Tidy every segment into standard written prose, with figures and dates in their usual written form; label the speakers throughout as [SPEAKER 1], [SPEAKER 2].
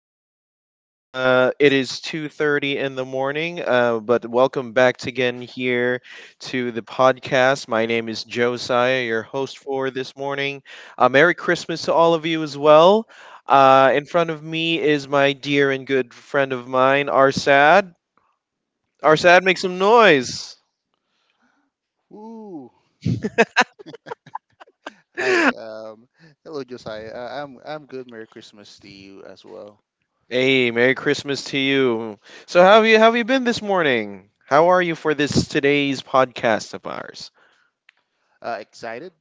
[SPEAKER 1] everyone. It is 2:30 in the morning, but welcome back to again here to the podcast. My name is Josiah, your host for this morning. Merry Christmas to all of you as well. In front of me is my dear and good friend of mine, Arsad. Arsad, make some noise.
[SPEAKER 2] Woo. Hi. Hello, Josiah. I'm good. Merry Christmas to you as well.
[SPEAKER 1] Hey, Merry Christmas to you. So, how have you been this morning? How are you for this today's podcast of ours?
[SPEAKER 2] Excited?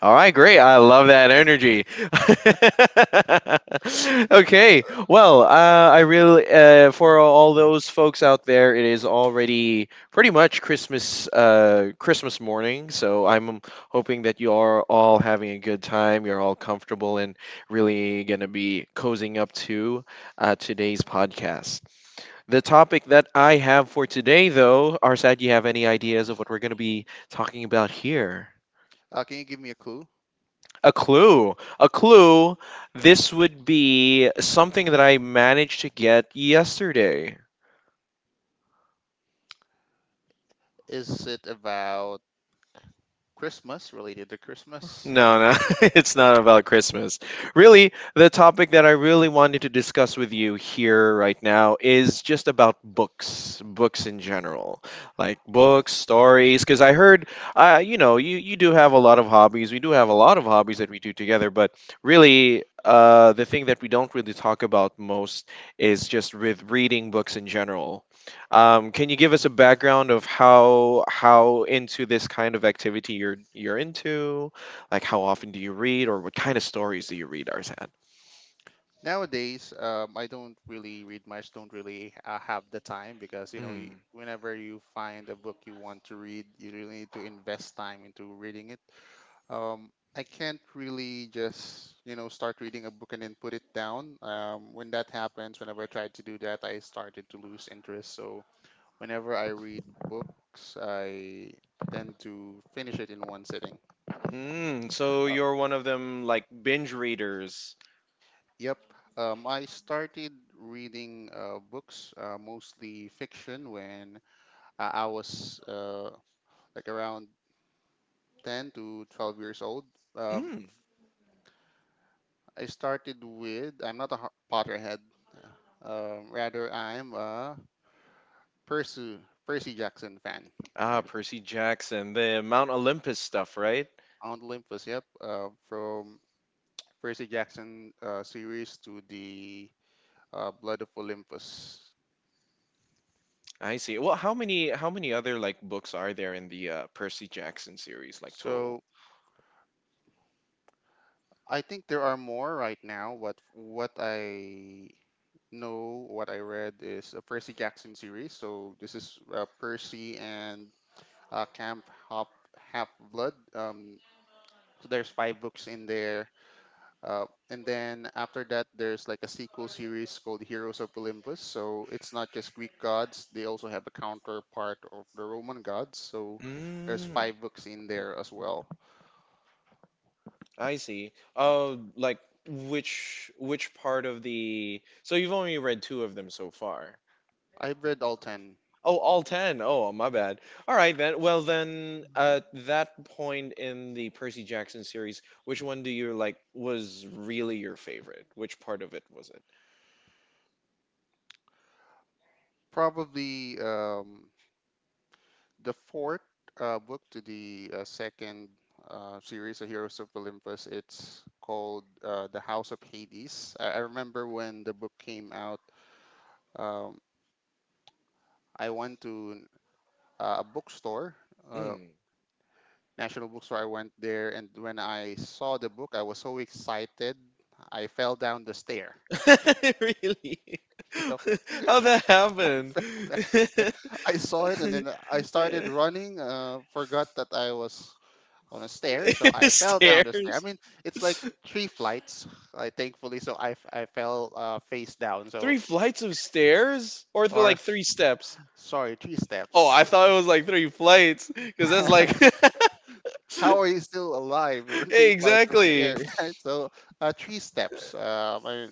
[SPEAKER 1] All right, great. I love that energy. Okay, well, I really for all those folks out there, it is already pretty much Christmas morning. So I'm hoping that you are all having a good time. You're all comfortable and really gonna be cozying up to today's podcast. The topic that I have for today, though, Arsad, do you have any ideas of what we're gonna be talking about here?
[SPEAKER 2] Can you give me a clue?
[SPEAKER 1] A clue. A clue. This would be something that I managed to get yesterday.
[SPEAKER 2] Is it about Christmas, related to Christmas?
[SPEAKER 1] No, no, it's not about Christmas. Really, the topic that I really wanted to discuss with you here right now is just about books, books in general, like books, stories. Because I heard, you do have a lot of hobbies. We do have a lot of hobbies that we do together, but really, the thing that we don't really talk about most is just with reading books in general. Can you give us a background of how into this kind of activity you're into? Like, how often do you read, or what kind of stories do you read, Arzad?
[SPEAKER 2] Nowadays, I don't really read much. Don't really have the time because you know, you,
[SPEAKER 1] Mm.
[SPEAKER 2] whenever you find a book you want to read, you really need to invest time into reading it. um, I can't really just you know start reading a book and then put it down. When that happens, whenever I tried to do that, I started to lose interest. So whenever I read books, I tend to finish it in one sitting.
[SPEAKER 1] Mm. So
[SPEAKER 2] Uh,
[SPEAKER 1] you're one of them like binge readers.
[SPEAKER 2] yep. I started reading books, mostly fiction, when I was like around 10 to 12 years old. Um,
[SPEAKER 1] Mm.
[SPEAKER 2] I started with I'm not a Har- Potterhead. uh, Rather, I'm a Percy Percy Jackson fan.
[SPEAKER 1] Ah,
[SPEAKER 2] Like
[SPEAKER 1] Percy Jackson, the Mount Olympus stuff, right?
[SPEAKER 2] Mount Olympus, yep. From Percy Jackson series to the Blood of Olympus.
[SPEAKER 1] I see. Well, how many other like books are there in the Percy Jackson series, like
[SPEAKER 2] So
[SPEAKER 1] total?
[SPEAKER 2] I think there are more right now. What I read is a Percy Jackson series. So this is Percy and Camp Half Blood. So there's five books in there. Uh, and then after that, there's like a sequel series called Heroes of Olympus. So it's not just Greek gods, they also have a counterpart of the Roman gods. So there's
[SPEAKER 1] Mm.
[SPEAKER 2] five books in there as well.
[SPEAKER 1] I see. Oh, like which part of the? So you've only read two of them so far.
[SPEAKER 2] I've read all 10.
[SPEAKER 1] Oh, all 10. Oh, my bad. All right then. Well then, at that point in the Percy Jackson series, which one do you like was really your favorite? Which part of it was
[SPEAKER 2] Probably the fourth book to the second series of Heroes of Olympus, it's called The House of Hades. I remember when the book came out. Um, I went to uh, a bookstore,
[SPEAKER 1] it?
[SPEAKER 2] uh,
[SPEAKER 1] Mm.
[SPEAKER 2] National Bookstore. I went there, and when I saw the book, I was so excited. I fell down the stair.
[SPEAKER 1] Really?
[SPEAKER 2] Yep,
[SPEAKER 1] How that happened?
[SPEAKER 2] fell down the stair. I saw it, and then I started running. Forgot that I was on a stair, so
[SPEAKER 1] The
[SPEAKER 2] I fell down the stair. I
[SPEAKER 1] stairs.
[SPEAKER 2] mean, it's like three flights, I thankfully. So I fell face down. So
[SPEAKER 1] Three flights of stairs? Or the,
[SPEAKER 2] or
[SPEAKER 1] like
[SPEAKER 2] s-
[SPEAKER 1] three steps?
[SPEAKER 2] sorry, three
[SPEAKER 1] Oh, I
[SPEAKER 2] steps.
[SPEAKER 1] thought it was like three flights because that's like
[SPEAKER 2] How are you still alive? Or three flights of
[SPEAKER 1] Exactly.
[SPEAKER 2] stairs. Right? So three steps.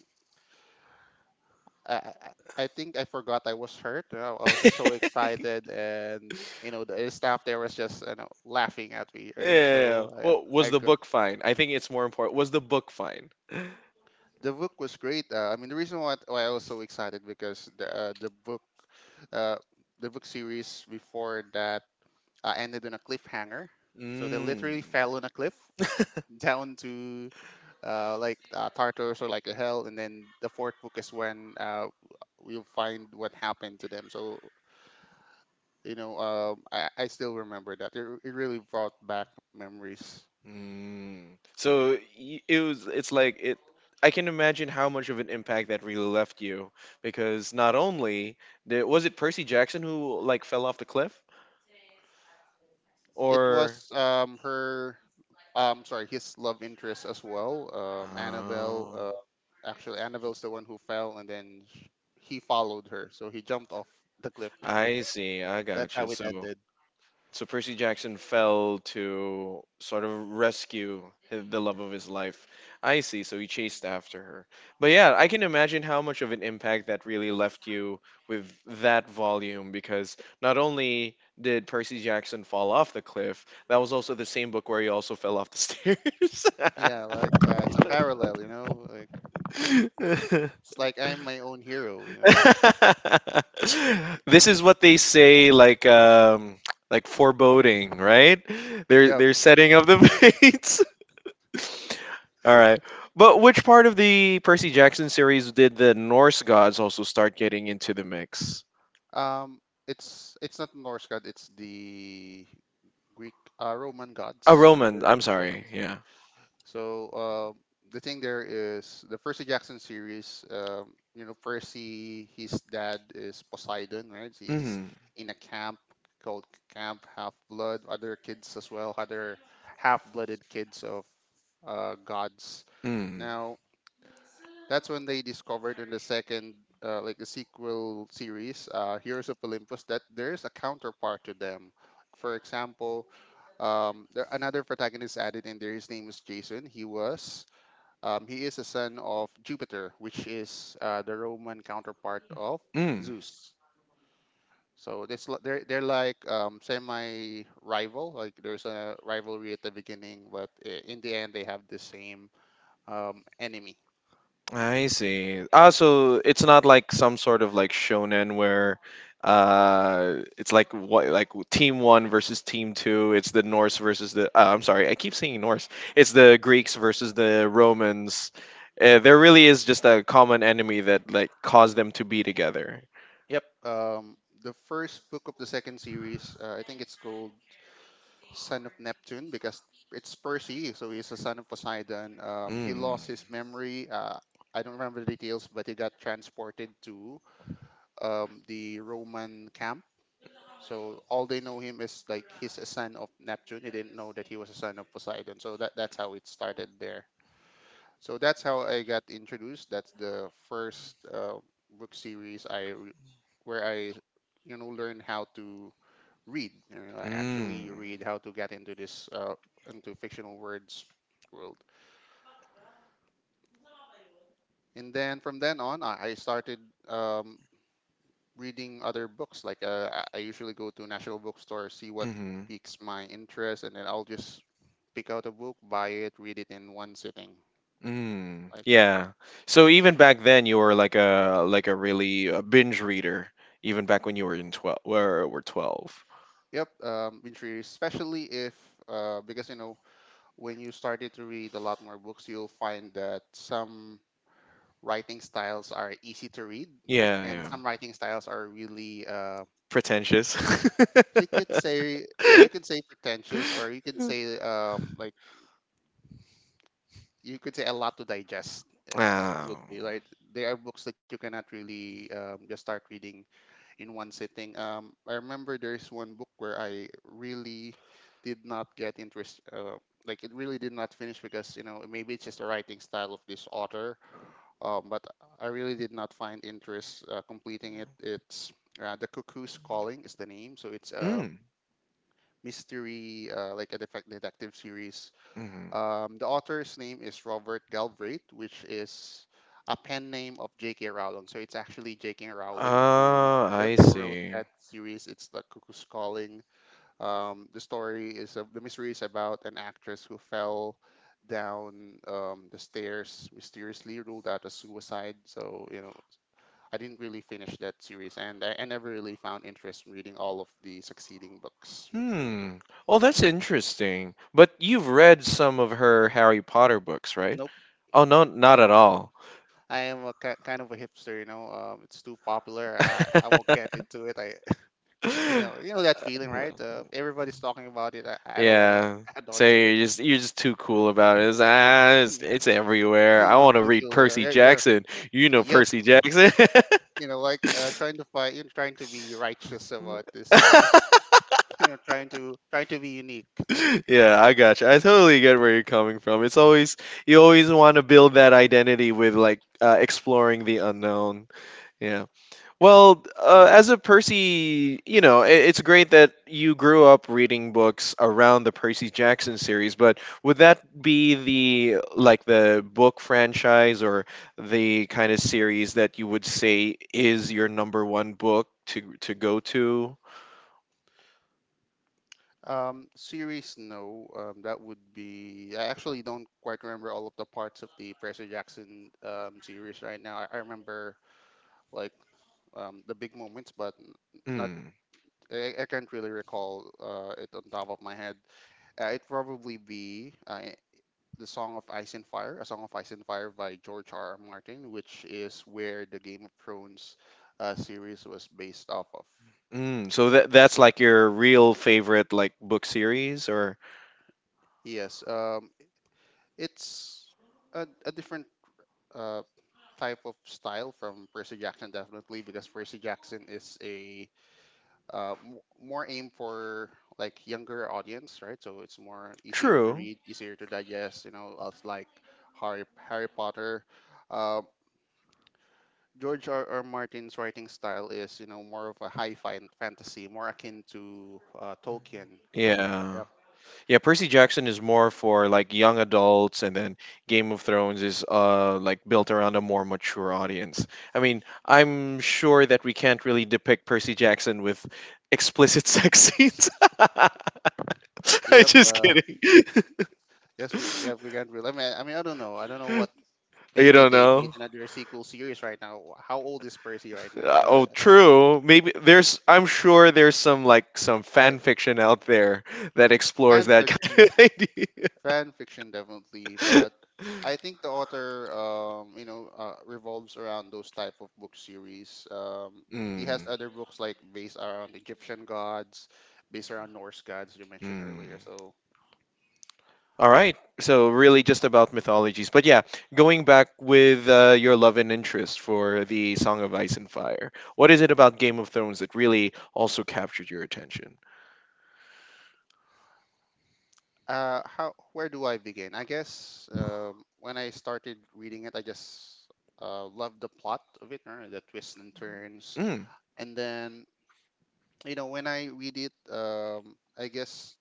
[SPEAKER 2] I I I think I forgot I was hurt. You know, I was just so
[SPEAKER 1] Yeah.
[SPEAKER 2] excited, and you know the staff there was just you know laughing at me, right?
[SPEAKER 1] Yeah.
[SPEAKER 2] So
[SPEAKER 1] Well, was
[SPEAKER 2] I
[SPEAKER 1] the
[SPEAKER 2] go-
[SPEAKER 1] book fine? I think it's more important. Was the book fine?
[SPEAKER 2] the book was great. I mean the reason why I was so excited because the uh, the book series before that ended in a cliffhanger. So they literally
[SPEAKER 1] Mm.
[SPEAKER 2] fell on a cliff down to Tartarus or like a hell, and then the fourth book is when we'll find what happened to them. So you know, I still remember that. It really brought back memories.
[SPEAKER 1] Mm. So it was. It's like it. I can imagine how much of an impact that really left you because not only there, was it Percy Jackson who like fell off the cliff
[SPEAKER 2] It was
[SPEAKER 1] or.
[SPEAKER 2] sorry, his love interest as well. Annabelle,
[SPEAKER 1] Oh,
[SPEAKER 2] actually, Annabelle's the one who fell, and then he followed her, so he jumped off the cliff.
[SPEAKER 1] I see. I
[SPEAKER 2] That's
[SPEAKER 1] gotcha.
[SPEAKER 2] how it
[SPEAKER 1] So
[SPEAKER 2] ended.
[SPEAKER 1] Percy Jackson fell to sort of rescue the love of his life. I see. So he chased after her. But yeah, I can imagine how much of an impact that really left you with that volume because not only did Percy Jackson fall off the cliff, that was also the same book where he also fell off
[SPEAKER 2] Yeah, like
[SPEAKER 1] the
[SPEAKER 2] it's a parallel, you know, like.
[SPEAKER 1] stairs.
[SPEAKER 2] It's like I'm my own hero, you know.
[SPEAKER 1] This is what they say like foreboding, right? they're
[SPEAKER 2] Yeah.
[SPEAKER 1] they're setting up the fates. All right, but which part of the Percy Jackson series did the Norse gods also start getting into the mix?
[SPEAKER 2] Um, it's not Norse god. It's the Greek Roman
[SPEAKER 1] A
[SPEAKER 2] gods. The
[SPEAKER 1] Roman, I'm
[SPEAKER 2] Roman
[SPEAKER 1] sorry.
[SPEAKER 2] gods.
[SPEAKER 1] Yeah.
[SPEAKER 2] So the thing there is the Percy Jackson series. You know, Percy, his dad is Poseidon, right? He's
[SPEAKER 1] Mm.
[SPEAKER 2] in a camp called Camp Half Blood. Other kids as well, other half-blooded kids of gods.
[SPEAKER 1] Mm.
[SPEAKER 2] Now that's when they discovered in the second, like the sequel series, Heroes of Olympus, that there's a counterpart to them. For example, another protagonist added in there. His name is Jason. He is a son of Jupiter, which is the Roman counterpart of
[SPEAKER 1] Mm.
[SPEAKER 2] Zeus. So they're like semi rival. Like there's a rivalry at the beginning, but in the end they have the same enemy.
[SPEAKER 1] I see. Ah, so it's not like some sort of like shonen where it's like what like team one versus team two. It's the Norse versus the I'm sorry, I keep saying Norse. It's the Greeks versus the Romans. There really is just a common enemy that like caused them to be together.
[SPEAKER 2] Yep. The first book of the second series, I think it's called Son of Neptune because it's Percy, so he's a son of Poseidon. He
[SPEAKER 1] Mm.
[SPEAKER 2] lost his memory. I don't remember the details, but he got transported to the Roman camp. So all they know him is like he's a son of Neptune. He didn't know that he was a son of Poseidon. So that's how it started there. So that's how I got introduced. That's the first book series I re- where I you know learn how to read. You know, I actually read how to get into this into fictional words world. And then from then on, I started um, reading other books. Like I usually go to National Bookstore, see what
[SPEAKER 1] Mm. Hmm.
[SPEAKER 2] piques my interest, and then I'll just pick out a book, buy it, read it in one sitting.
[SPEAKER 1] Mm,
[SPEAKER 2] Like uh,
[SPEAKER 1] yeah. So even back then, you were like a really a binge reader. Even back when you were in 12, where were 12.
[SPEAKER 2] Yep, binge read, especially if because you know when you started to read a lot more books, you'll find that some writing styles are easy to read,
[SPEAKER 1] Yeah,
[SPEAKER 2] and
[SPEAKER 1] yeah.
[SPEAKER 2] some writing styles are really,
[SPEAKER 1] Pretentious.
[SPEAKER 2] you could say, yeah, you could say pretentious, or you could say, you could say a lot to digest. Would
[SPEAKER 1] Wow.
[SPEAKER 2] be right. There are books that you cannot really just start reading in one sitting. I remember there's one book where I really did not get interest. Like it really did not finish because you know maybe it's just the writing style of this author. But I really did not find interest completing it. It's The Cuckoo's Calling is the name, so it's a
[SPEAKER 1] Mm,
[SPEAKER 2] mystery, like a defect detective series
[SPEAKER 1] mm.
[SPEAKER 2] the author's name is Robert Galbraith, which is a pen name of J.K. Rowling. So it's actually J.K. Rowling who,
[SPEAKER 1] Oh,
[SPEAKER 2] yep,
[SPEAKER 1] I
[SPEAKER 2] who wrote
[SPEAKER 1] see.
[SPEAKER 2] that series. It's The Cuckoo's Calling. The story is of, the mystery is about an actress who fell down the stairs mysteriously, ruled out as suicide. So you know, I didn't really finish that series, and I never really found interest in reading all of the succeeding books.
[SPEAKER 1] Hmm. Oh, that's interesting. But you've read some of her Harry Potter books, right?
[SPEAKER 2] Nope.
[SPEAKER 1] Oh, no, not at all.
[SPEAKER 2] I am a kind of a hipster, you know. It's too popular. I won't get into it. I, you know that feeling, right? Everybody's talking about it. I don't want to
[SPEAKER 1] Yeah.
[SPEAKER 2] add on
[SPEAKER 1] So
[SPEAKER 2] to it.
[SPEAKER 1] you're just too cool about it. It's,
[SPEAKER 2] Oh,
[SPEAKER 1] ah, it's,
[SPEAKER 2] hmm,
[SPEAKER 1] it's everywhere.
[SPEAKER 2] oh,
[SPEAKER 1] I
[SPEAKER 2] I'm
[SPEAKER 1] want to read
[SPEAKER 2] peculiar.
[SPEAKER 1] Percy Jackson. You know
[SPEAKER 2] Yep.
[SPEAKER 1] Percy Jackson.
[SPEAKER 2] You know, like trying to fight, you are trying to be righteous about this. You know, you know, trying to be unique.
[SPEAKER 1] Yeah, I got you. I totally get where you're coming from. It's always you always want to build that identity with like exploring the unknown. Yeah. Well, as a Percy, it's great that you grew up reading books around the Percy Jackson series. But would that be the like the book franchise or the kind of series that you would say is your number one book to go to?
[SPEAKER 2] Series, no. That would be. I actually don't quite remember all of the parts of the Percy Jackson series right now. I remember like the big moments, but n- not I, I can't really recall it on top of my head. It probably be the song of Ice and Fire, a song of Ice and Fire by George R. R. Martin, which is where the Game of Thrones series was based off of.
[SPEAKER 1] Mm, so that's like your real favorite like book series or
[SPEAKER 2] Yes, it's a different uh, type of style from Percy Jackson, definitely, because Percy Jackson is a more aimed for like younger audience, right? So it's more easier to
[SPEAKER 1] True.
[SPEAKER 2] read, easier to digest. You know, as like Harry Harry Potter. Um, George R. R. Martin's writing style is, you know, more of a high-fi fantasy, more akin to Tolkien.
[SPEAKER 1] Yeah.
[SPEAKER 2] Yep.
[SPEAKER 1] Yeah, Percy Jackson is more for like young adults and then Game of Thrones is like built around a more mature audience. I mean, I'm sure that we can't really depict Percy Jackson with explicit sex scenes. I'm
[SPEAKER 2] Yep.
[SPEAKER 1] just kidding.
[SPEAKER 2] Yes, we. Yep, we can't really. I don't know. I don't know what.
[SPEAKER 1] You
[SPEAKER 2] Maybe
[SPEAKER 1] don't
[SPEAKER 2] they
[SPEAKER 1] know?
[SPEAKER 2] made another sequel series right now. How old is Percy right now?
[SPEAKER 1] Oh,
[SPEAKER 2] But
[SPEAKER 1] true. Maybe there's. I'm sure there's some like some
[SPEAKER 2] I
[SPEAKER 1] fan fiction out there that explores
[SPEAKER 2] fan
[SPEAKER 1] that kind
[SPEAKER 2] fiction,
[SPEAKER 1] of idea.
[SPEAKER 2] fan fiction definitely. But I think the author, you know, revolves around those type of book series. He has
[SPEAKER 1] Mm.
[SPEAKER 2] other books like based around Egyptian gods, based around Norse gods you mentioned
[SPEAKER 1] Mm.
[SPEAKER 2] earlier. So,
[SPEAKER 1] All right. So really, just about mythologies. But yeah, going back with your love and interest for the Song of Ice and Fire. What is it about Game of Thrones that really also captured your attention?
[SPEAKER 2] how where do I begin? I guess when I started reading it, I just loved the plot of it, or the twists and turns.
[SPEAKER 1] Mm.
[SPEAKER 2] And then, you know, when I read it, I guess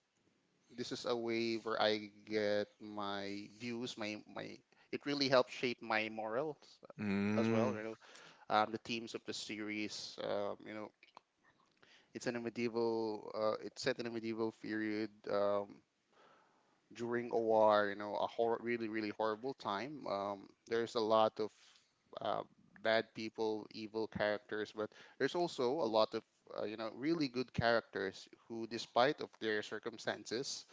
[SPEAKER 2] this is a way where I get my views, my my. It really helps shape my morals as well.
[SPEAKER 1] Mm.
[SPEAKER 2] You know, the themes of the series. You know, it's set in a medieval period. During a war, you know, really, really horrible time. There's a lot of uh, bad people, evil characters, but there's also a lot of you know really good characters who, despite of their circumstances,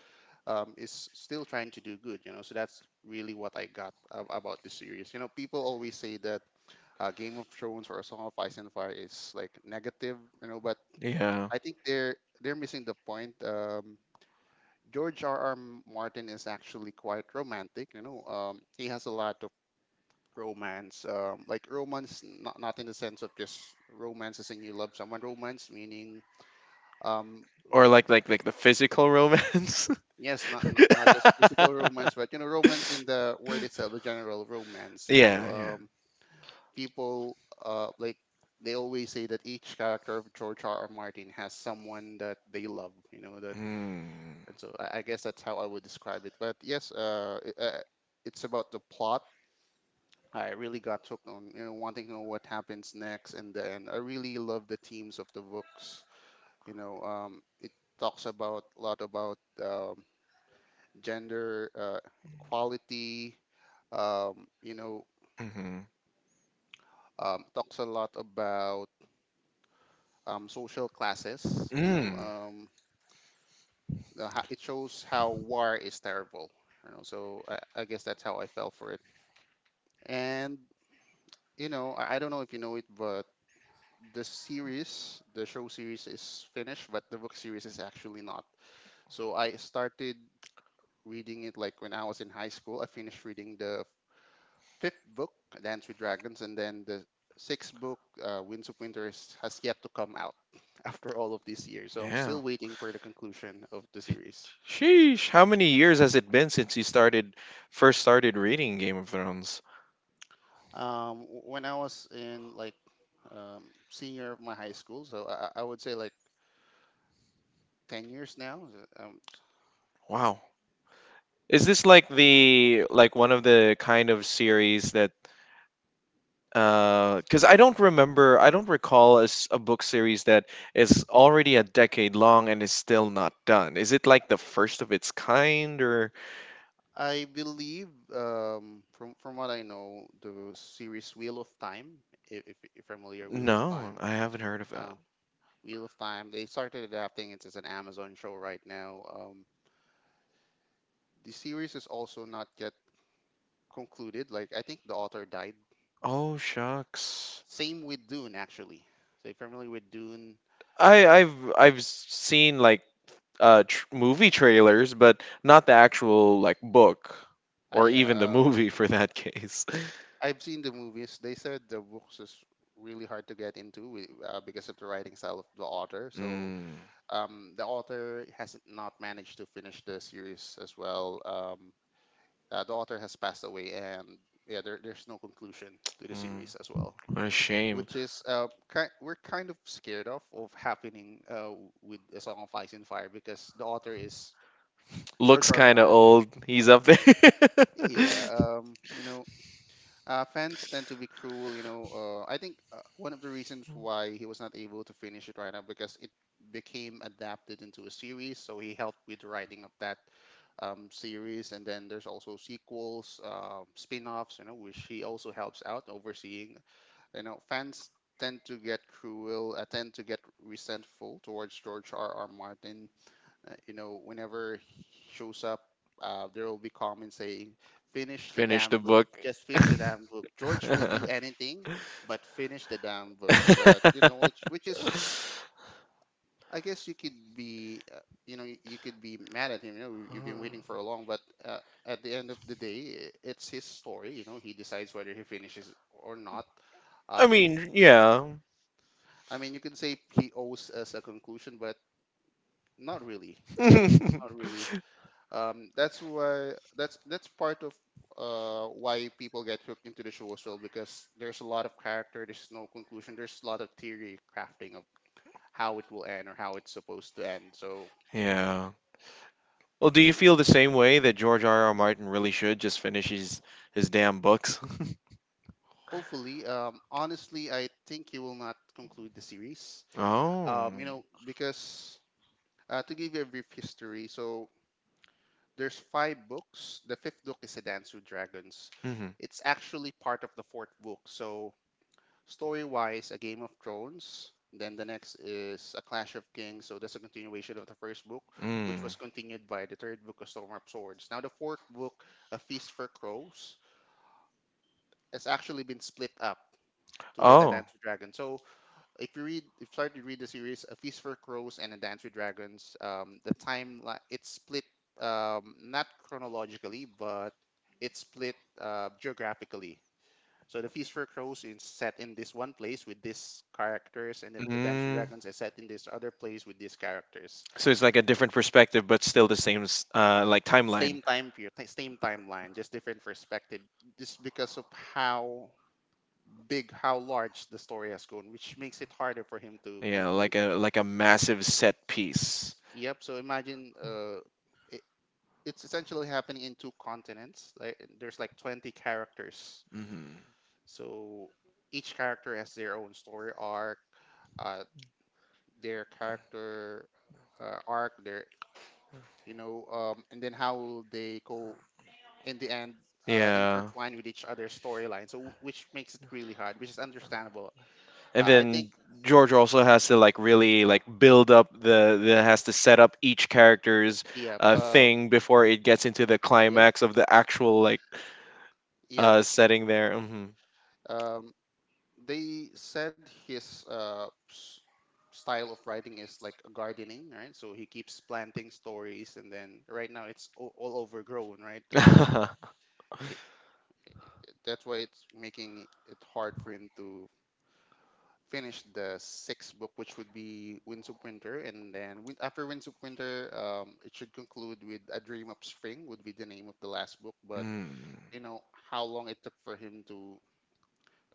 [SPEAKER 2] is still trying to do good, you know. So that's really what I got about the series. You know, people always say that Game of Thrones or Song of Ice and Fire is like negative, you know, but
[SPEAKER 1] Yeah.
[SPEAKER 2] I think they're missing the point. George R. R. Martin is actually quite romantic, you know. He has a lot of romance, like romance, not in the sense of just romance as in you love someone. Romance meaning. Um,
[SPEAKER 1] Or like the physical romance.
[SPEAKER 2] Yes, not just physical romance, but you know, romance in the word itself, the general romance. You know,
[SPEAKER 1] Yeah, yeah.
[SPEAKER 2] people uh like they always say that each character of George R. R. Martin has someone that they love. You know that,
[SPEAKER 1] Mm.
[SPEAKER 2] and so I guess that's how I would describe it. But yes, it's about the plot. I really got hooked on you know wanting to know what happens next, and then I really love the themes of the books. You know, it talks about a lot about um gender equality. You know,
[SPEAKER 1] Mm-hmm.
[SPEAKER 2] talks a lot about social classes. You know,
[SPEAKER 1] Mm.
[SPEAKER 2] it shows how war is terrible. You know, so I guess that's how I fell for it. And you know, I don't know if you know it, but the series, the show series is finished, but the book series is actually not. So I started reading it like when I was in high school. I finished reading the fifth book, Dance with Dragons, and then the sixth book, Winds of Winter, has yet to come out after all of these years. So I'm
[SPEAKER 1] Yeah.
[SPEAKER 2] still waiting for the conclusion of the series.
[SPEAKER 1] Sheesh, how many years has it been since you started first started reading Game of Thrones?
[SPEAKER 2] When I was in like um, senior of my high school, so I would say like 10 years now.
[SPEAKER 1] Wow. Is this like the like one of the kind of series that because I don't remember, I don't recall a book series that is already a decade long and is still not done. Is it like the first of its kind, or
[SPEAKER 2] I believe from what I know, the series Wheel of Time, if you're familiar, Wheel of
[SPEAKER 1] no?
[SPEAKER 2] Time.
[SPEAKER 1] I haven't heard of that.
[SPEAKER 2] Uh, Wheel of Time. They started adapting it as an Amazon show right now. The series is also not yet concluded. Like I think the author died.
[SPEAKER 1] Oh shucks.
[SPEAKER 2] Same with Dune actually. So if you're familiar with Dune,
[SPEAKER 1] I've seen like movie trailers, but not the actual like book or
[SPEAKER 2] I
[SPEAKER 1] even the
[SPEAKER 2] uh,
[SPEAKER 1] movie for that case.
[SPEAKER 2] I've seen the movies. They said the books is really hard to get into because of the writing style of the author. So
[SPEAKER 1] Mm,
[SPEAKER 2] the author has not managed to finish the series as well. The author has passed away, and yeah, there's no conclusion to the series as
[SPEAKER 1] mm,
[SPEAKER 2] well.
[SPEAKER 1] what a shame.
[SPEAKER 2] Which is we're kind of scared of happening with a song of ice and fire because the author is
[SPEAKER 1] Looks
[SPEAKER 2] George R. R.
[SPEAKER 1] kind of
[SPEAKER 2] Martin.
[SPEAKER 1] old. He's up there.
[SPEAKER 2] Yeah. Fans tend to be cruel, you know. I think one of the reasons why he was not able to finish it right now because it became adapted into a series, so he helped with the writing of that series, and then there's also sequels, spin-offs, you know, which he also helps out overseeing. You know, fans tend to get cruel, tend to get resentful towards George R. R. Martin. You know, whenever he shows up, there will be comments saying, "Finish the
[SPEAKER 1] Finish
[SPEAKER 2] damn
[SPEAKER 1] the
[SPEAKER 2] book.
[SPEAKER 1] book.
[SPEAKER 2] Just finish the damn book. George will do anything, but finish the damn book." But you know, which is, I guess you could be, you know, you could be mad at him. You know, you've been waiting for a long, but. At the end of the day, it's his story. You know, he decides whether he finishes or not.
[SPEAKER 1] I
[SPEAKER 2] Um,
[SPEAKER 1] mean, yeah.
[SPEAKER 2] I mean, you can say he owes us a conclusion, but not really. You know, not really. That's part of why people get hooked into the show as well, because there's a lot of character, there's no conclusion, there's a lot of theory crafting of how it will end or how it's supposed to end. So
[SPEAKER 1] Yeah. Well, do you feel the same way that George R. R. Martin really should just finish his damn books?
[SPEAKER 2] hopefully, honestly, I think he will not conclude the series.
[SPEAKER 1] Oh.
[SPEAKER 2] You know, because to give you a brief history, so there's five books. The fifth book is A Dance with Dragons.
[SPEAKER 1] Hmm.
[SPEAKER 2] It's actually part of the fourth book. So, story-wise, A Game of Thrones. Then the next is A Clash of Kings. So that's a continuation of the first book, which
[SPEAKER 1] Mm.
[SPEAKER 2] was continued by the third book, A Storm of Swords. Now the fourth book, A Feast for Crows, has actually been split up to it, A
[SPEAKER 1] Oh.
[SPEAKER 2] Dance with Dragons. So if you start to read the series a feast for crows and a dance with dragons, um, it's split, um, not chronologically, but it's split geographically. So the feast for crows is set in this one place with these characters, and then A dance with dragons is set in this other place with these characters.
[SPEAKER 1] So it's like a different perspective, but still the same like
[SPEAKER 2] Same time period, same timeline, just different perspective, just because of how how large the story has gone, which makes it harder for him to
[SPEAKER 1] to. Yeah, like
[SPEAKER 2] conclude.
[SPEAKER 1] a like a massive set piece.
[SPEAKER 2] Yep, so imagine i- it's essentially happening in two continents. Like there's like 20 characters.
[SPEAKER 1] Hmm.
[SPEAKER 2] So each character has their own story arc, uh, their character arc, their you know, and then how they go in the end
[SPEAKER 1] Yeah.
[SPEAKER 2] intertwine with each other's storyline. So which makes it really hard, which is understandable.
[SPEAKER 1] And
[SPEAKER 2] I think
[SPEAKER 1] then George also has to like really like build up the has to set up each character's
[SPEAKER 2] yeah,
[SPEAKER 1] thing before it gets into the
[SPEAKER 2] yep,
[SPEAKER 1] climax of the actual like
[SPEAKER 2] yep.
[SPEAKER 1] setting there. Hmm.
[SPEAKER 2] Um, they said his style of writing is like a gardening, right? So he keeps planting stories, and then right now it's all overgrown, right? He- that's why it's making it hard for him to finish the sixth book, which would be Winds of Winter, and then after Winds of Winter, it should conclude with A Dream of Spring, would be the name of the last book. But
[SPEAKER 1] Mm,
[SPEAKER 2] you know how long it took for him to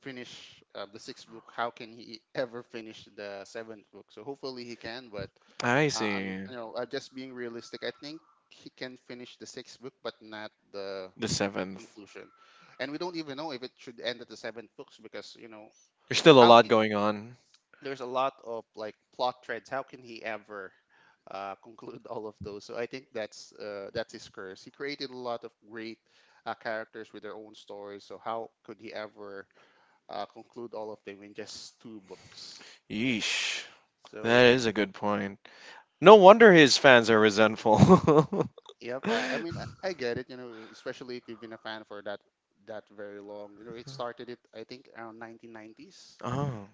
[SPEAKER 2] finish the sixth book, how can he ever finish the seventh book, so hopefully he can, but
[SPEAKER 1] I
[SPEAKER 2] uh, I'm,
[SPEAKER 1] see.
[SPEAKER 2] you know, just being realistic, I think he can finish the sixth book, but not the
[SPEAKER 1] The seventh.
[SPEAKER 2] conclusion. And we don't even know if it should end at the seventh books because, you know,
[SPEAKER 1] There's still a
[SPEAKER 2] how
[SPEAKER 1] lot
[SPEAKER 2] can,
[SPEAKER 1] going on.
[SPEAKER 2] there's a lot of like plot threads. How can he ever conclude all of those? So I think that's his curse. He created a lot of great characters with their own stories. So how could he ever conclude all of them in just two books?
[SPEAKER 1] Yeesh. That
[SPEAKER 2] So
[SPEAKER 1] is a good point. No wonder his fans are resentful.
[SPEAKER 2] yep, I mean I get it, you know, especially if you've been a fan for that very long. You know, it started it I think around 1990s.
[SPEAKER 1] Oh.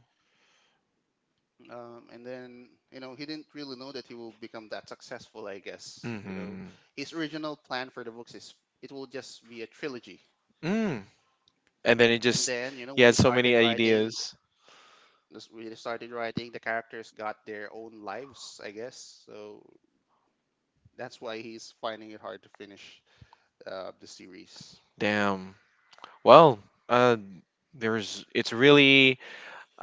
[SPEAKER 2] And then, you know, he didn't really know that he will become that successful, I guess. You know,
[SPEAKER 1] Mm-hmm.
[SPEAKER 2] his original plan for the books is it will just be a trilogy.
[SPEAKER 1] Mm. And then it
[SPEAKER 2] And
[SPEAKER 1] just,
[SPEAKER 2] then, you know,
[SPEAKER 1] he
[SPEAKER 2] when
[SPEAKER 1] had
[SPEAKER 2] he
[SPEAKER 1] so many
[SPEAKER 2] started writing,
[SPEAKER 1] ideas.
[SPEAKER 2] the characters got their own lives, I guess. So that's why he's finding it hard to finish the series.
[SPEAKER 1] Damn. Well, uh, it's really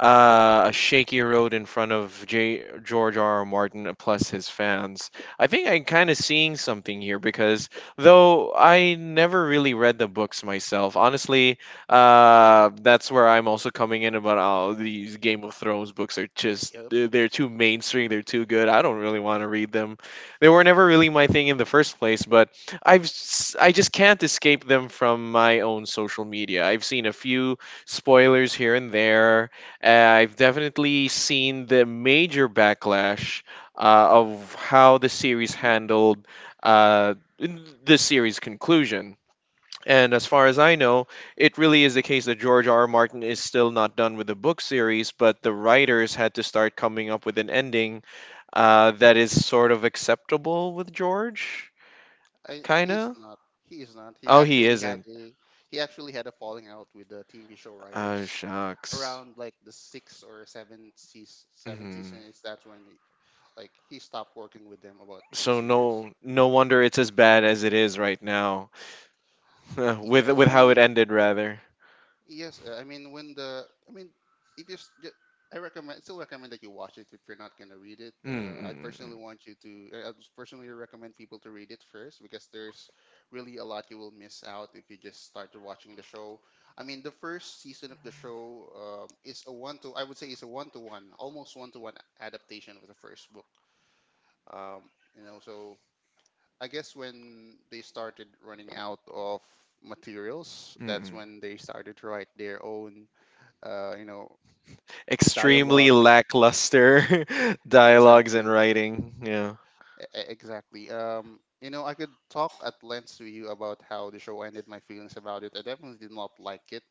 [SPEAKER 1] a shaky road in front of George R. R. Martin, plus his fans. I think I'm kind of seeing something here because though I never really read the books myself, honestly, that's where I'm also coming in about oh these Game of Thrones books are just
[SPEAKER 2] Yep.
[SPEAKER 1] they're too mainstream, they're too good. I don't really want to read them. They were never really my thing in the first place, but I just can't escape them from my own social media. I've seen a few spoilers here and there. I've definitely seen the major backlash of how the series
[SPEAKER 2] Hmm.
[SPEAKER 1] handled uh, the series conclusion. And as far as I know, it really is the case that George R. R. Martin is still not done with the book series, but the writers had to start coming up with an ending that is sort of acceptable with George,
[SPEAKER 2] I, he's
[SPEAKER 1] kinda.
[SPEAKER 2] not. He is not.
[SPEAKER 1] Oh, he isn't.
[SPEAKER 2] He actually had a falling out with the TV show
[SPEAKER 1] Oh,
[SPEAKER 2] writers
[SPEAKER 1] shucks.
[SPEAKER 2] around like the sixth or seventh season. Seventh
[SPEAKER 1] Mhm.
[SPEAKER 2] season is that's when he, like he stopped working with them about the
[SPEAKER 1] So
[SPEAKER 2] series.
[SPEAKER 1] no wonder it's as bad as it is right now with
[SPEAKER 2] Yeah, I
[SPEAKER 1] with how it
[SPEAKER 2] mean
[SPEAKER 1] ended rather.
[SPEAKER 2] yes, I mean when the I mean if you s- ju- I recommend still recommend that you watch it if you're not gonna read it.
[SPEAKER 1] Mm, mm,
[SPEAKER 2] I'd
[SPEAKER 1] mm,
[SPEAKER 2] personally
[SPEAKER 1] mm.
[SPEAKER 2] want you to I'd personally recommend people to read it first because there's really a lot you will miss out if you just start watching the show. I mean the first season of the show, is a one to I would say is a one to one, almost one to one, adaptation of the first book. Um, you know so. I guess when they started running out of materials,
[SPEAKER 1] Mm,
[SPEAKER 2] that's
[SPEAKER 1] mm.
[SPEAKER 2] when they started to write their own you know,
[SPEAKER 1] Extremely
[SPEAKER 2] dialogues.
[SPEAKER 1] lackluster dialogues and
[SPEAKER 2] Exactly,
[SPEAKER 1] writing. Yeah.
[SPEAKER 2] exactly. You know, I could talk at length to you about how the show ended, my feelings about it. I definitely did not like it.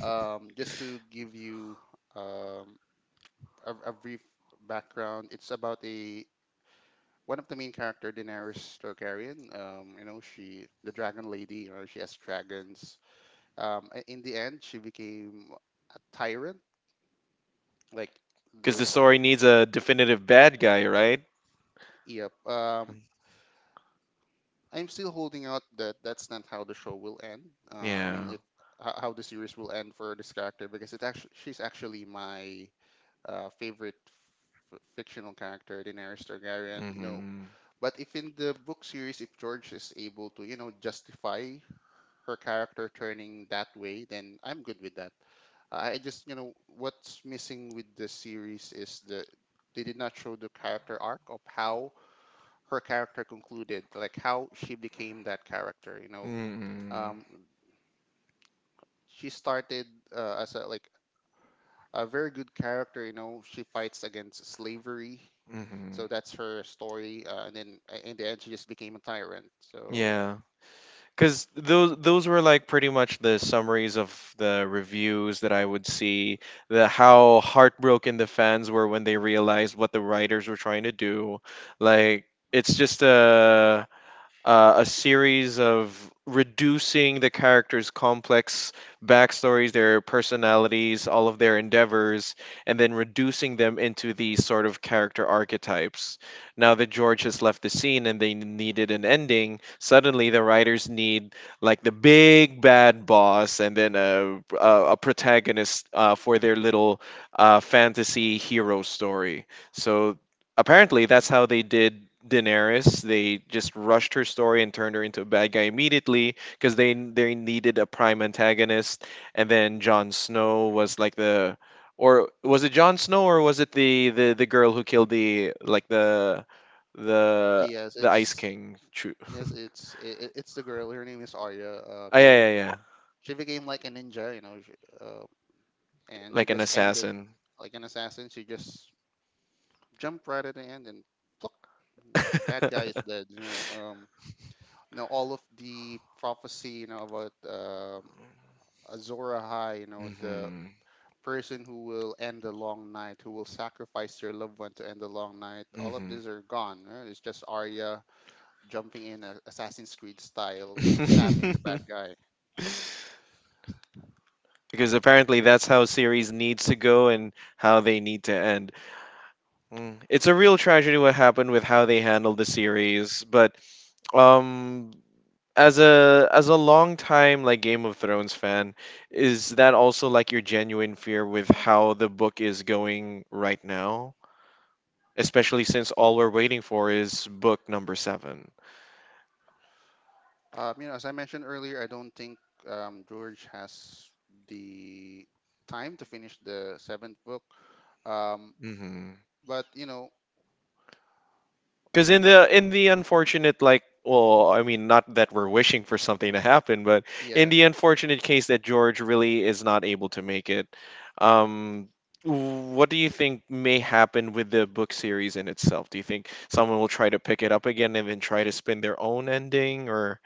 [SPEAKER 2] Just to give you um, a brief background, it's about a one of the main character, Daenerys Targaryen. You know, she the Dragon Lady. You know, she has dragons. In the end, she became a tyrant, like
[SPEAKER 1] Cuz
[SPEAKER 2] the
[SPEAKER 1] the story needs a definitive bad guy, right?
[SPEAKER 2] yep. I'm still holding out that that's not how the show will end. I mean,
[SPEAKER 1] Yeah.
[SPEAKER 2] if how the series will end for this character because it's actually she's actually my favorite fictional character, Daenerys Targaryen. You know,
[SPEAKER 1] Hmm.
[SPEAKER 2] but if in the book series, if George is able to, you know, justify her character turning that way, then I'm good with that. I just, what's missing with the series is they did not show the character arc of how her character concluded, like how she became that character.
[SPEAKER 1] Mm,
[SPEAKER 2] Um, she started as a like a very good character. You know, she fights against slavery,
[SPEAKER 1] mm-hmm.
[SPEAKER 2] so that's her story. And then in the end, she just became a tyrant. So,
[SPEAKER 1] Yeah, because those were like pretty much the summaries of the reviews that I would see, the how heartbroken the fans were when they realized what the writers were trying to do. Like it's just a series of reducing the characters' complex backstories, their personalities, all of their endeavors, and then reducing them into these sort of character archetypes. Now that George has left the scene and they needed an ending, suddenly the writers need like the big bad boss and then a protagonist for their little fantasy hero story. So apparently that's how they did Daenerys. They just rushed her story and turned her into a bad guy immediately because they needed a prime antagonist. And then Jon Snow was like or was it Jon Snow or was it the girl who killed the like the
[SPEAKER 2] yes,
[SPEAKER 1] the Ice
[SPEAKER 2] it's
[SPEAKER 1] King? True.
[SPEAKER 2] yes, it's the girl. Her name is Arya.
[SPEAKER 1] Oh, yeah, yeah, yeah.
[SPEAKER 2] She became like a ninja. Uh, and she
[SPEAKER 1] Like an
[SPEAKER 2] just ended
[SPEAKER 1] assassin.
[SPEAKER 2] like an assassin. She just jumped right at the end, and the bad guy is dead. All of the prophecy, about Azor Ahai, the
[SPEAKER 1] hmm
[SPEAKER 2] person who will end the long night, who will sacrifice their loved one to end the long night, all of these are gone, right? It's just Arya jumping in, Assassin's Creed style, stabbing the bad
[SPEAKER 1] hmm
[SPEAKER 2] guy.
[SPEAKER 1] Because apparently that's how series needs to go and how they need to end. Mm. It's a real tragedy what happened with how they handled the series, but um as a long time like Game of Thrones fan, is that also like your genuine fear with how the book is going right now? Especially since all we're waiting for is book number 7.
[SPEAKER 2] As I mentioned earlier, I don't think George has the time to finish the seventh book, um,
[SPEAKER 1] Hmm.
[SPEAKER 2] but
[SPEAKER 1] Because in the unfortunate like I mean not that we're wishing for something to happen, but in
[SPEAKER 2] yeah,
[SPEAKER 1] the unfortunate case that George really is not able to make it, um, what do you think may happen with the book series in itself? Do you think someone will try to pick it up again and then try to spin their own ending,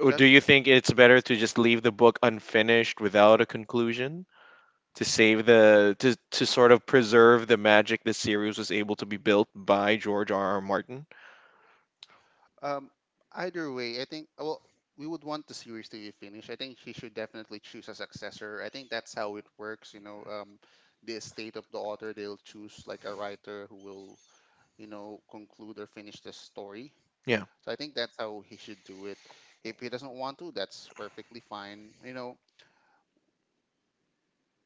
[SPEAKER 1] or
[SPEAKER 2] that.
[SPEAKER 1] do you think it's better to just leave the book unfinished without a conclusion? To save to sort of preserve the magic the series was able to be built by George R. R. Martin.
[SPEAKER 2] Um, Either way, I think, well, we would want the series to be finished. I think he should definitely choose a successor. I think that's how it works. You know, the estate of the author, they'll choose like a writer who will, conclude or finish the story.
[SPEAKER 1] Yeah.
[SPEAKER 2] So I think that's how he should do it. If he doesn't want to, that's perfectly fine. You know,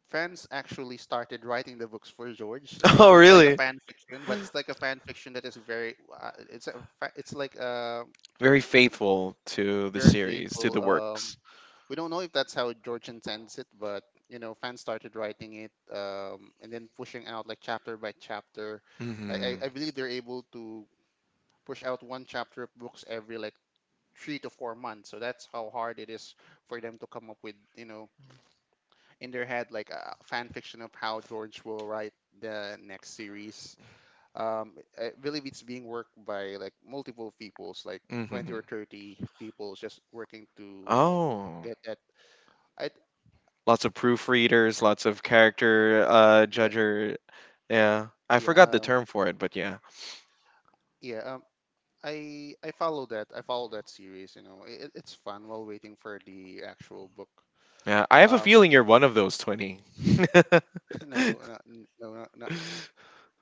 [SPEAKER 2] fans actually started writing the books for George. Like,
[SPEAKER 1] Oh,
[SPEAKER 2] it's like a
[SPEAKER 1] really?
[SPEAKER 2] fan fiction, but it's like a fan fiction that is very. It's like a
[SPEAKER 1] Very faithful to the
[SPEAKER 2] very
[SPEAKER 1] series, to
[SPEAKER 2] faithful.
[SPEAKER 1] the works.
[SPEAKER 2] We don't know if that's how George intends it, but, fans started writing it, and then pushing out, like, chapter by chapter. Like, I,
[SPEAKER 1] Mm-hmm.
[SPEAKER 2] I believe they're able to push out one chapter of books every like 3 to 4 months. So that's how hard it is for them to come up with, in their head, like a fan fiction of how George will write the next series. I believe it's being worked by like multiple peoples, like 20
[SPEAKER 1] Mm-hmm.
[SPEAKER 2] or 30 people just working to,
[SPEAKER 1] Oh,
[SPEAKER 2] get that. I
[SPEAKER 1] lots of proofreaders, lots of character
[SPEAKER 2] yeah
[SPEAKER 1] judger. Yeah. I
[SPEAKER 2] Yeah,
[SPEAKER 1] forgot the term for it, but yeah.
[SPEAKER 2] yeah. I follow that. I follow that series. You know, it's fun while waiting for the actual book.
[SPEAKER 1] Yeah, I have a
[SPEAKER 2] Um,
[SPEAKER 1] feeling you're one of those 20.
[SPEAKER 2] no, not, n- no, not, not,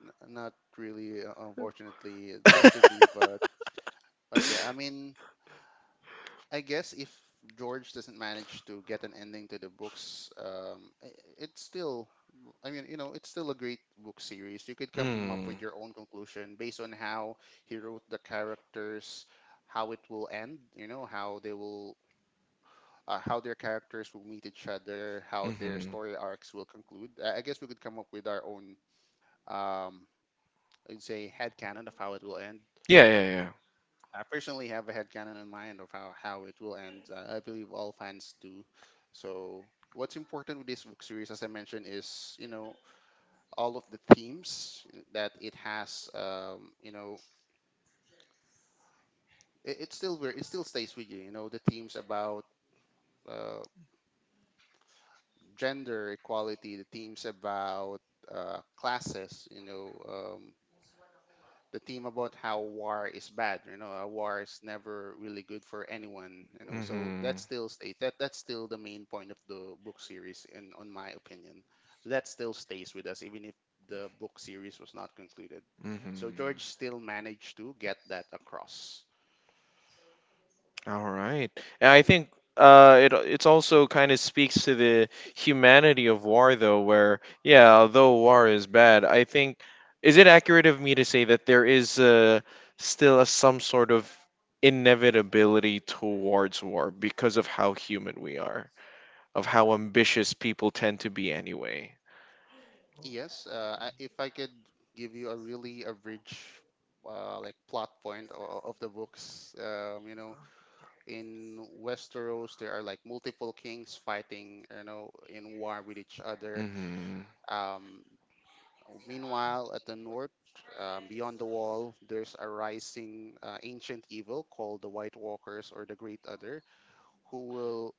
[SPEAKER 2] n- not really. Unfortunately, I'd love to be, but yeah. I mean, I guess if George doesn't manage to get an ending to the books, it's still, I mean, it's still a great book series. You could come up
[SPEAKER 1] Mm.
[SPEAKER 2] with your own conclusion based on how he wrote the characters, how it will end, how how their characters will meet each other, how their
[SPEAKER 1] Mhm.
[SPEAKER 2] story arcs will conclude. I guess we could come up with our own, um, I'd say, headcanon of how it will end.
[SPEAKER 1] Yeah, yeah, yeah.
[SPEAKER 2] I personally have a headcanon in mind of how it will end. I believe all fans do. So, what's important with this book series, as I mentioned, is, all of the themes that it has. You know, it still stays with you. You know, the themes about, uh, gender equality, the themes about, classes. You know, the theme about how war is bad. You know, a war is never really good for anyone. You know, so that
[SPEAKER 1] Mm-hmm.
[SPEAKER 2] still stays. That's still the main point of the book series, in on my opinion. So that still stays with us, even if the book series was not concluded.
[SPEAKER 1] Opinion.
[SPEAKER 2] So George still managed to get that across.
[SPEAKER 1] All right. And I think it it's also kind of speaks to the humanity of war, though, where, yeah, although war is bad, I think, is it accurate of me to say that there is still some sort of inevitability towards war because of how human we are, of how ambitious people tend to be anyway?
[SPEAKER 2] Yes, if I could give you a really average, like, plot point of the books, in Westeros, there are like multiple kings fighting, you know, in war with each other.
[SPEAKER 1] Hmm.
[SPEAKER 2] Um, Meanwhile, at the north, beyond the wall, there's a rising ancient evil called the White Walkers or the Great Other, who will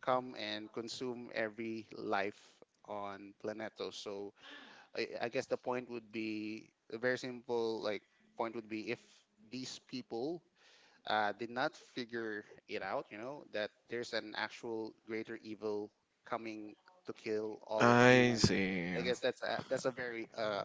[SPEAKER 2] come and consume every life on Planetos. So, I guess the point would be a very simple, like, point would be if these people did not figure it out, that there's an actual greater evil coming to kill all of
[SPEAKER 1] I
[SPEAKER 2] human. I
[SPEAKER 1] see.
[SPEAKER 2] guess that's a very,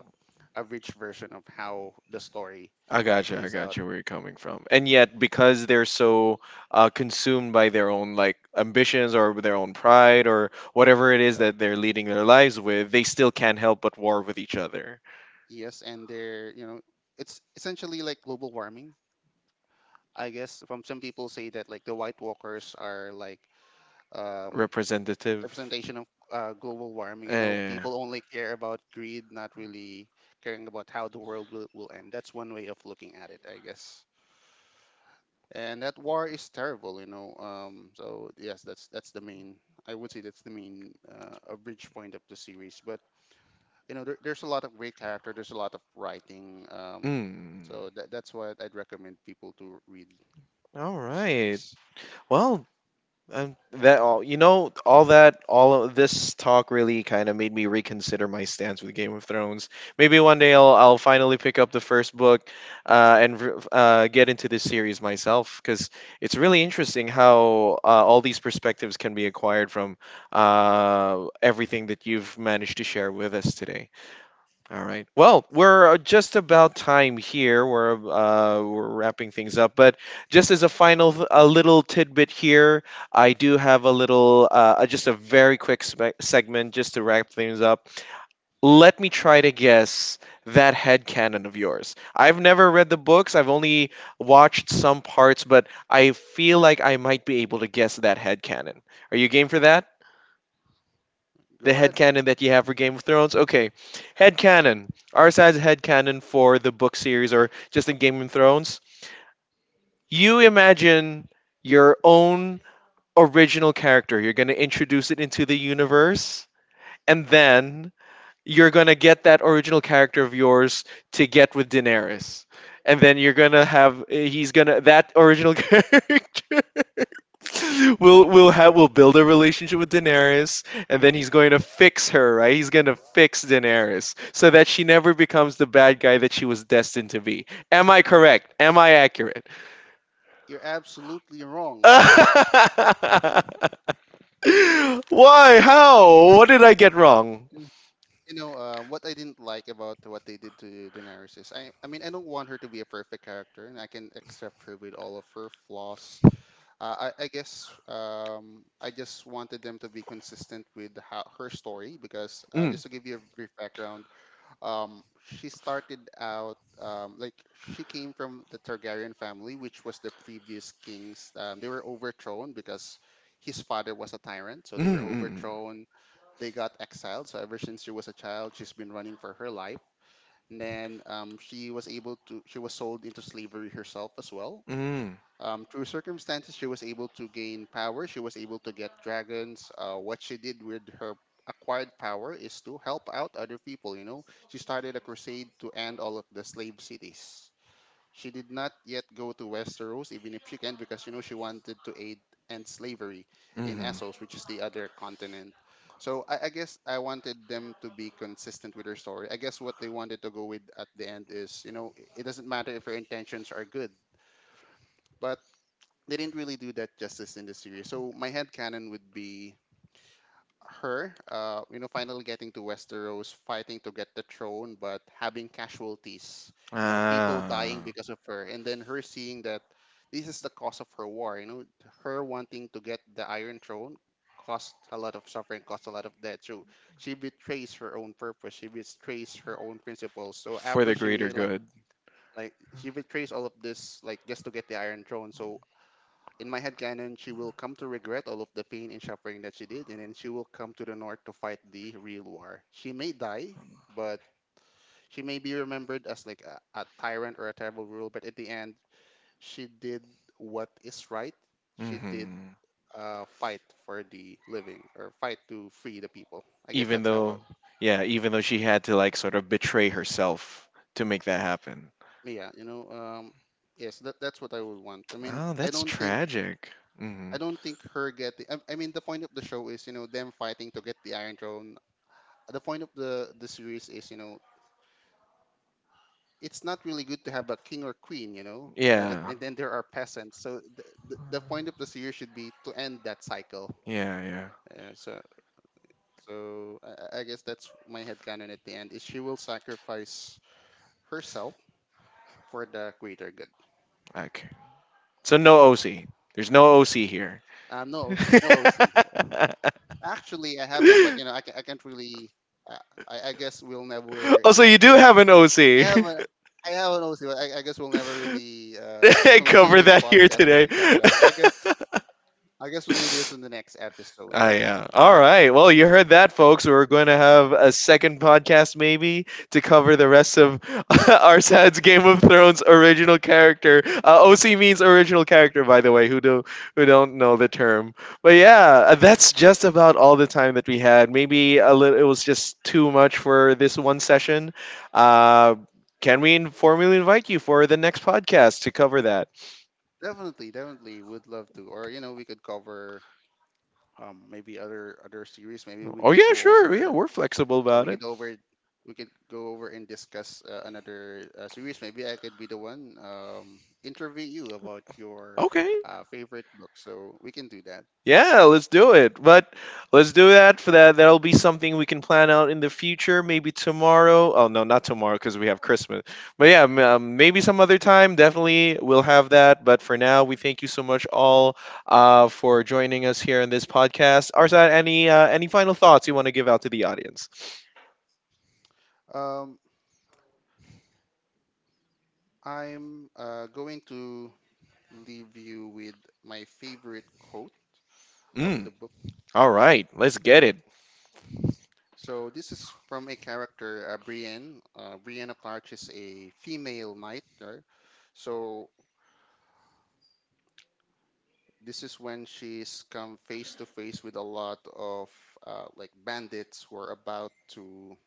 [SPEAKER 2] a rich version of how the story
[SPEAKER 1] I got you. I
[SPEAKER 2] plays
[SPEAKER 1] got
[SPEAKER 2] out.
[SPEAKER 1] you where you're coming from. And yet, because they're so consumed by their own like ambitions or their own pride or whatever it is
[SPEAKER 2] Or,
[SPEAKER 1] that they're leading their lives with, they still can't help but war with each other.
[SPEAKER 2] yes, and they're you know it's essentially like global warming. I guess from some people say that like the White Walkers are like, um,
[SPEAKER 1] Representative.
[SPEAKER 2] representation of, global warming. You know,
[SPEAKER 1] Eh.
[SPEAKER 2] people only care about greed, not really caring about how the world will end. That's one way of looking at it, I guess. And that war is terrible. So, yes, that's the main. I would say that's the main, a bridge point of the series. But, there's a lot of great character. There's a lot of writing.
[SPEAKER 1] Mm.
[SPEAKER 2] So that's what I'd recommend people to read
[SPEAKER 1] All
[SPEAKER 2] the
[SPEAKER 1] right.
[SPEAKER 2] series.
[SPEAKER 1] Well, that all you know, all that, all of this talk really kind of made me reconsider my stance with Game of Thrones. Maybe one day I'll finally pick up the first book, and get into this series myself because it's really interesting how all these perspectives can be acquired from everything that you've managed to share with us today. All right. Well, we're just about time here. We're wrapping things up, but just as a little tidbit here, I do have a little, just a very quick segment just to wrap things up. Let me try to guess that headcanon of yours. I've never read the books. I've only watched some parts, but I feel like I might be able to guess that headcanon. Are you game for that? The
[SPEAKER 2] Go ahead.
[SPEAKER 1] headcanon that you have for Game of Thrones. Okay, headcanon. Our side's headcanon for the book series or just in Game of Thrones. You imagine your own original character. You're going to introduce it into the universe, and then you're going to get that original character of yours to get with Daenerys. And then you're going to have, that original character we'll have we'll build a relationship with Daenerys, and then he's going to fix her, right? He's going to fix Daenerys so that she never becomes the bad guy that she was destined to be. Am I correct? Am I accurate?
[SPEAKER 2] You're absolutely wrong.
[SPEAKER 1] Why? How? What did I get wrong?
[SPEAKER 2] You know, what I didn't like about what they did to Daenerys is, I mean, I don't want her to be a perfect character, and I can accept her with all of her flaws. I guess, I just wanted them to be consistent with how, her story, because,
[SPEAKER 1] Mm.
[SPEAKER 2] just to give you a brief background, she started out, like, she came from the Targaryen family, which was the previous kings. They were overthrown because his father was a tyrant, so they
[SPEAKER 1] Mm,
[SPEAKER 2] were
[SPEAKER 1] mm,
[SPEAKER 2] overthrown, they got exiled. So ever since she was a child, she's been running for her life. And then, she was sold into slavery herself as well.
[SPEAKER 1] mm, mm,
[SPEAKER 2] Through circumstances, she was able to gain power. She was able to get dragons. What she did with her acquired power is to help out other people. You know, she started a crusade to end all of the slave cities. She did not yet go to Westeros, even if she can, because, she wanted to aid end slavery in
[SPEAKER 1] mm-hmm.
[SPEAKER 2] Essos, which is the other continent. So, I guess I wanted them to be consistent with her story. I guess what they wanted to go with at the end is, it doesn't matter if her intentions are good, but they didn't really do that justice in the series. So my head canon would be her, finally getting to Westeros, fighting to get the throne, but having casualties, people
[SPEAKER 1] Ah.
[SPEAKER 2] dying because of her, and then her seeing that this is the cause of her war, her wanting to get the Iron Throne cost a lot of suffering, cost a lot of death. So she betrays her own purpose, she betrays her own principles. So
[SPEAKER 1] For the
[SPEAKER 2] after she
[SPEAKER 1] greater
[SPEAKER 2] realized,
[SPEAKER 1] good.
[SPEAKER 2] like, she betrays all of this, like, just to get the Iron Throne. So in my head canon, she will come to regret all of the pain and suffering that she did, and then she will come to the north to fight the real war. She may die, but she may be remembered as like a tyrant or a terrible ruler. But at the end, she did what is right. She did
[SPEAKER 1] Hmm.
[SPEAKER 2] fight for the living or fight to free the people. I guess
[SPEAKER 1] Even
[SPEAKER 2] that's how. I,
[SPEAKER 1] though, yeah, even though she had to like sort of betray herself to make that happen.
[SPEAKER 2] yeah, you know. Yes, that's what I would want. I mean,
[SPEAKER 1] Wow, that's tragic. Hmm.
[SPEAKER 2] I don't think her getting. I mean, the point of the show is, them fighting to get the Iron Throne. The point of the series is, it's not really good to have a king or queen,
[SPEAKER 1] Yeah.
[SPEAKER 2] and then there are peasants, so the point of the series should be to end that cycle.
[SPEAKER 1] Yeah, yeah.
[SPEAKER 2] Uh, so so I guess that's my headcanon at the end is she will sacrifice herself for the greater good.
[SPEAKER 1] Okay. So no OC. There's no OC here.
[SPEAKER 2] No, no OC. Actually, I haven't, but, I can't really. Uh, I guess we'll never
[SPEAKER 1] Oh, so you
[SPEAKER 2] end
[SPEAKER 1] do have
[SPEAKER 2] this.
[SPEAKER 1] an
[SPEAKER 2] I
[SPEAKER 1] OC.
[SPEAKER 2] have a. I have an OC, but I guess we'll never really, conclude
[SPEAKER 1] Cover
[SPEAKER 2] this
[SPEAKER 1] that here
[SPEAKER 2] podcast. We
[SPEAKER 1] today.
[SPEAKER 2] can cover that, I guess. I guess we'll do this in the next episode,
[SPEAKER 1] I
[SPEAKER 2] but,
[SPEAKER 1] yeah. All right. Well, you heard that, folks. We're going to have a second podcast, maybe, to cover the rest of our sad's Game of Thrones original character. OC means original character, by the way. Who do who don't know the term? But yeah, that's just about all the time that we had. Maybe a little. It was just too much for this one session. Uh, can we formally invite you for the next podcast to cover that?
[SPEAKER 2] definitely, definitely would love to. Or, we could cover maybe other series. Maybe we
[SPEAKER 1] Oh
[SPEAKER 2] could
[SPEAKER 1] yeah,
[SPEAKER 2] go
[SPEAKER 1] sure. Yeah,
[SPEAKER 2] over
[SPEAKER 1] we're flexible
[SPEAKER 2] uh,
[SPEAKER 1] about
[SPEAKER 2] we
[SPEAKER 1] it.
[SPEAKER 2] could over we could go over and discuss another series. Maybe I could be the one, interview you about your
[SPEAKER 1] Okay.
[SPEAKER 2] favorite book. So we can do that.
[SPEAKER 1] Yeah, let's do it. But let's do that for that. That'll be something we can plan out in the future. Maybe tomorrow. Oh no, not tomorrow because we have Christmas. But yeah, maybe some other time. Definitely we'll have that. But for now, we thank you so much all for joining us here in this podcast. Arsad, any final thoughts you want to give out to the audience?
[SPEAKER 2] Um, I'm going to leave you with my favorite quote of
[SPEAKER 1] Mm,
[SPEAKER 2] the book.
[SPEAKER 1] all right, let's get it.
[SPEAKER 2] So this is from a character, Brienne. Brienne of Tarth is a female knight. So this is when she's come face to face with a lot of like, bandits who are about to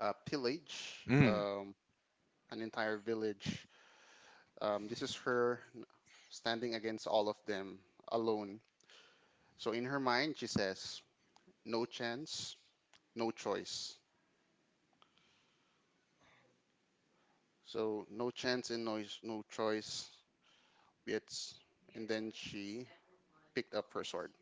[SPEAKER 2] pillage,
[SPEAKER 1] Mm.
[SPEAKER 2] an entire village. This is her standing against all of them alone. So in her mind, she says, "No chance, no choice." So no chance and no choice. It's and then she picked up her sword.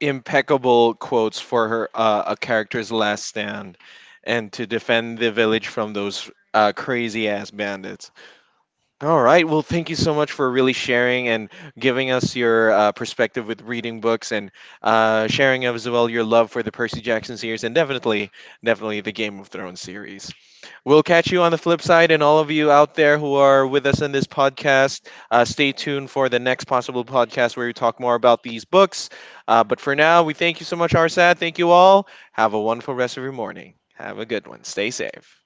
[SPEAKER 1] Impeccable quotes for her a character's last stand and to defend the village from those crazy ass bandits. All right. Well, thank you so much for really sharing and giving us your perspective with reading books and sharing as well your love for the Percy Jackson series and definitely, definitely the Game of Thrones series. We'll catch you on the flip side, and all of you out there who are with us in this podcast, stay tuned for the next possible podcast where we talk more about these books. But for now, we thank you so much, Arsad. Thank you all. Have a wonderful rest of your morning. Have a good one. Stay safe.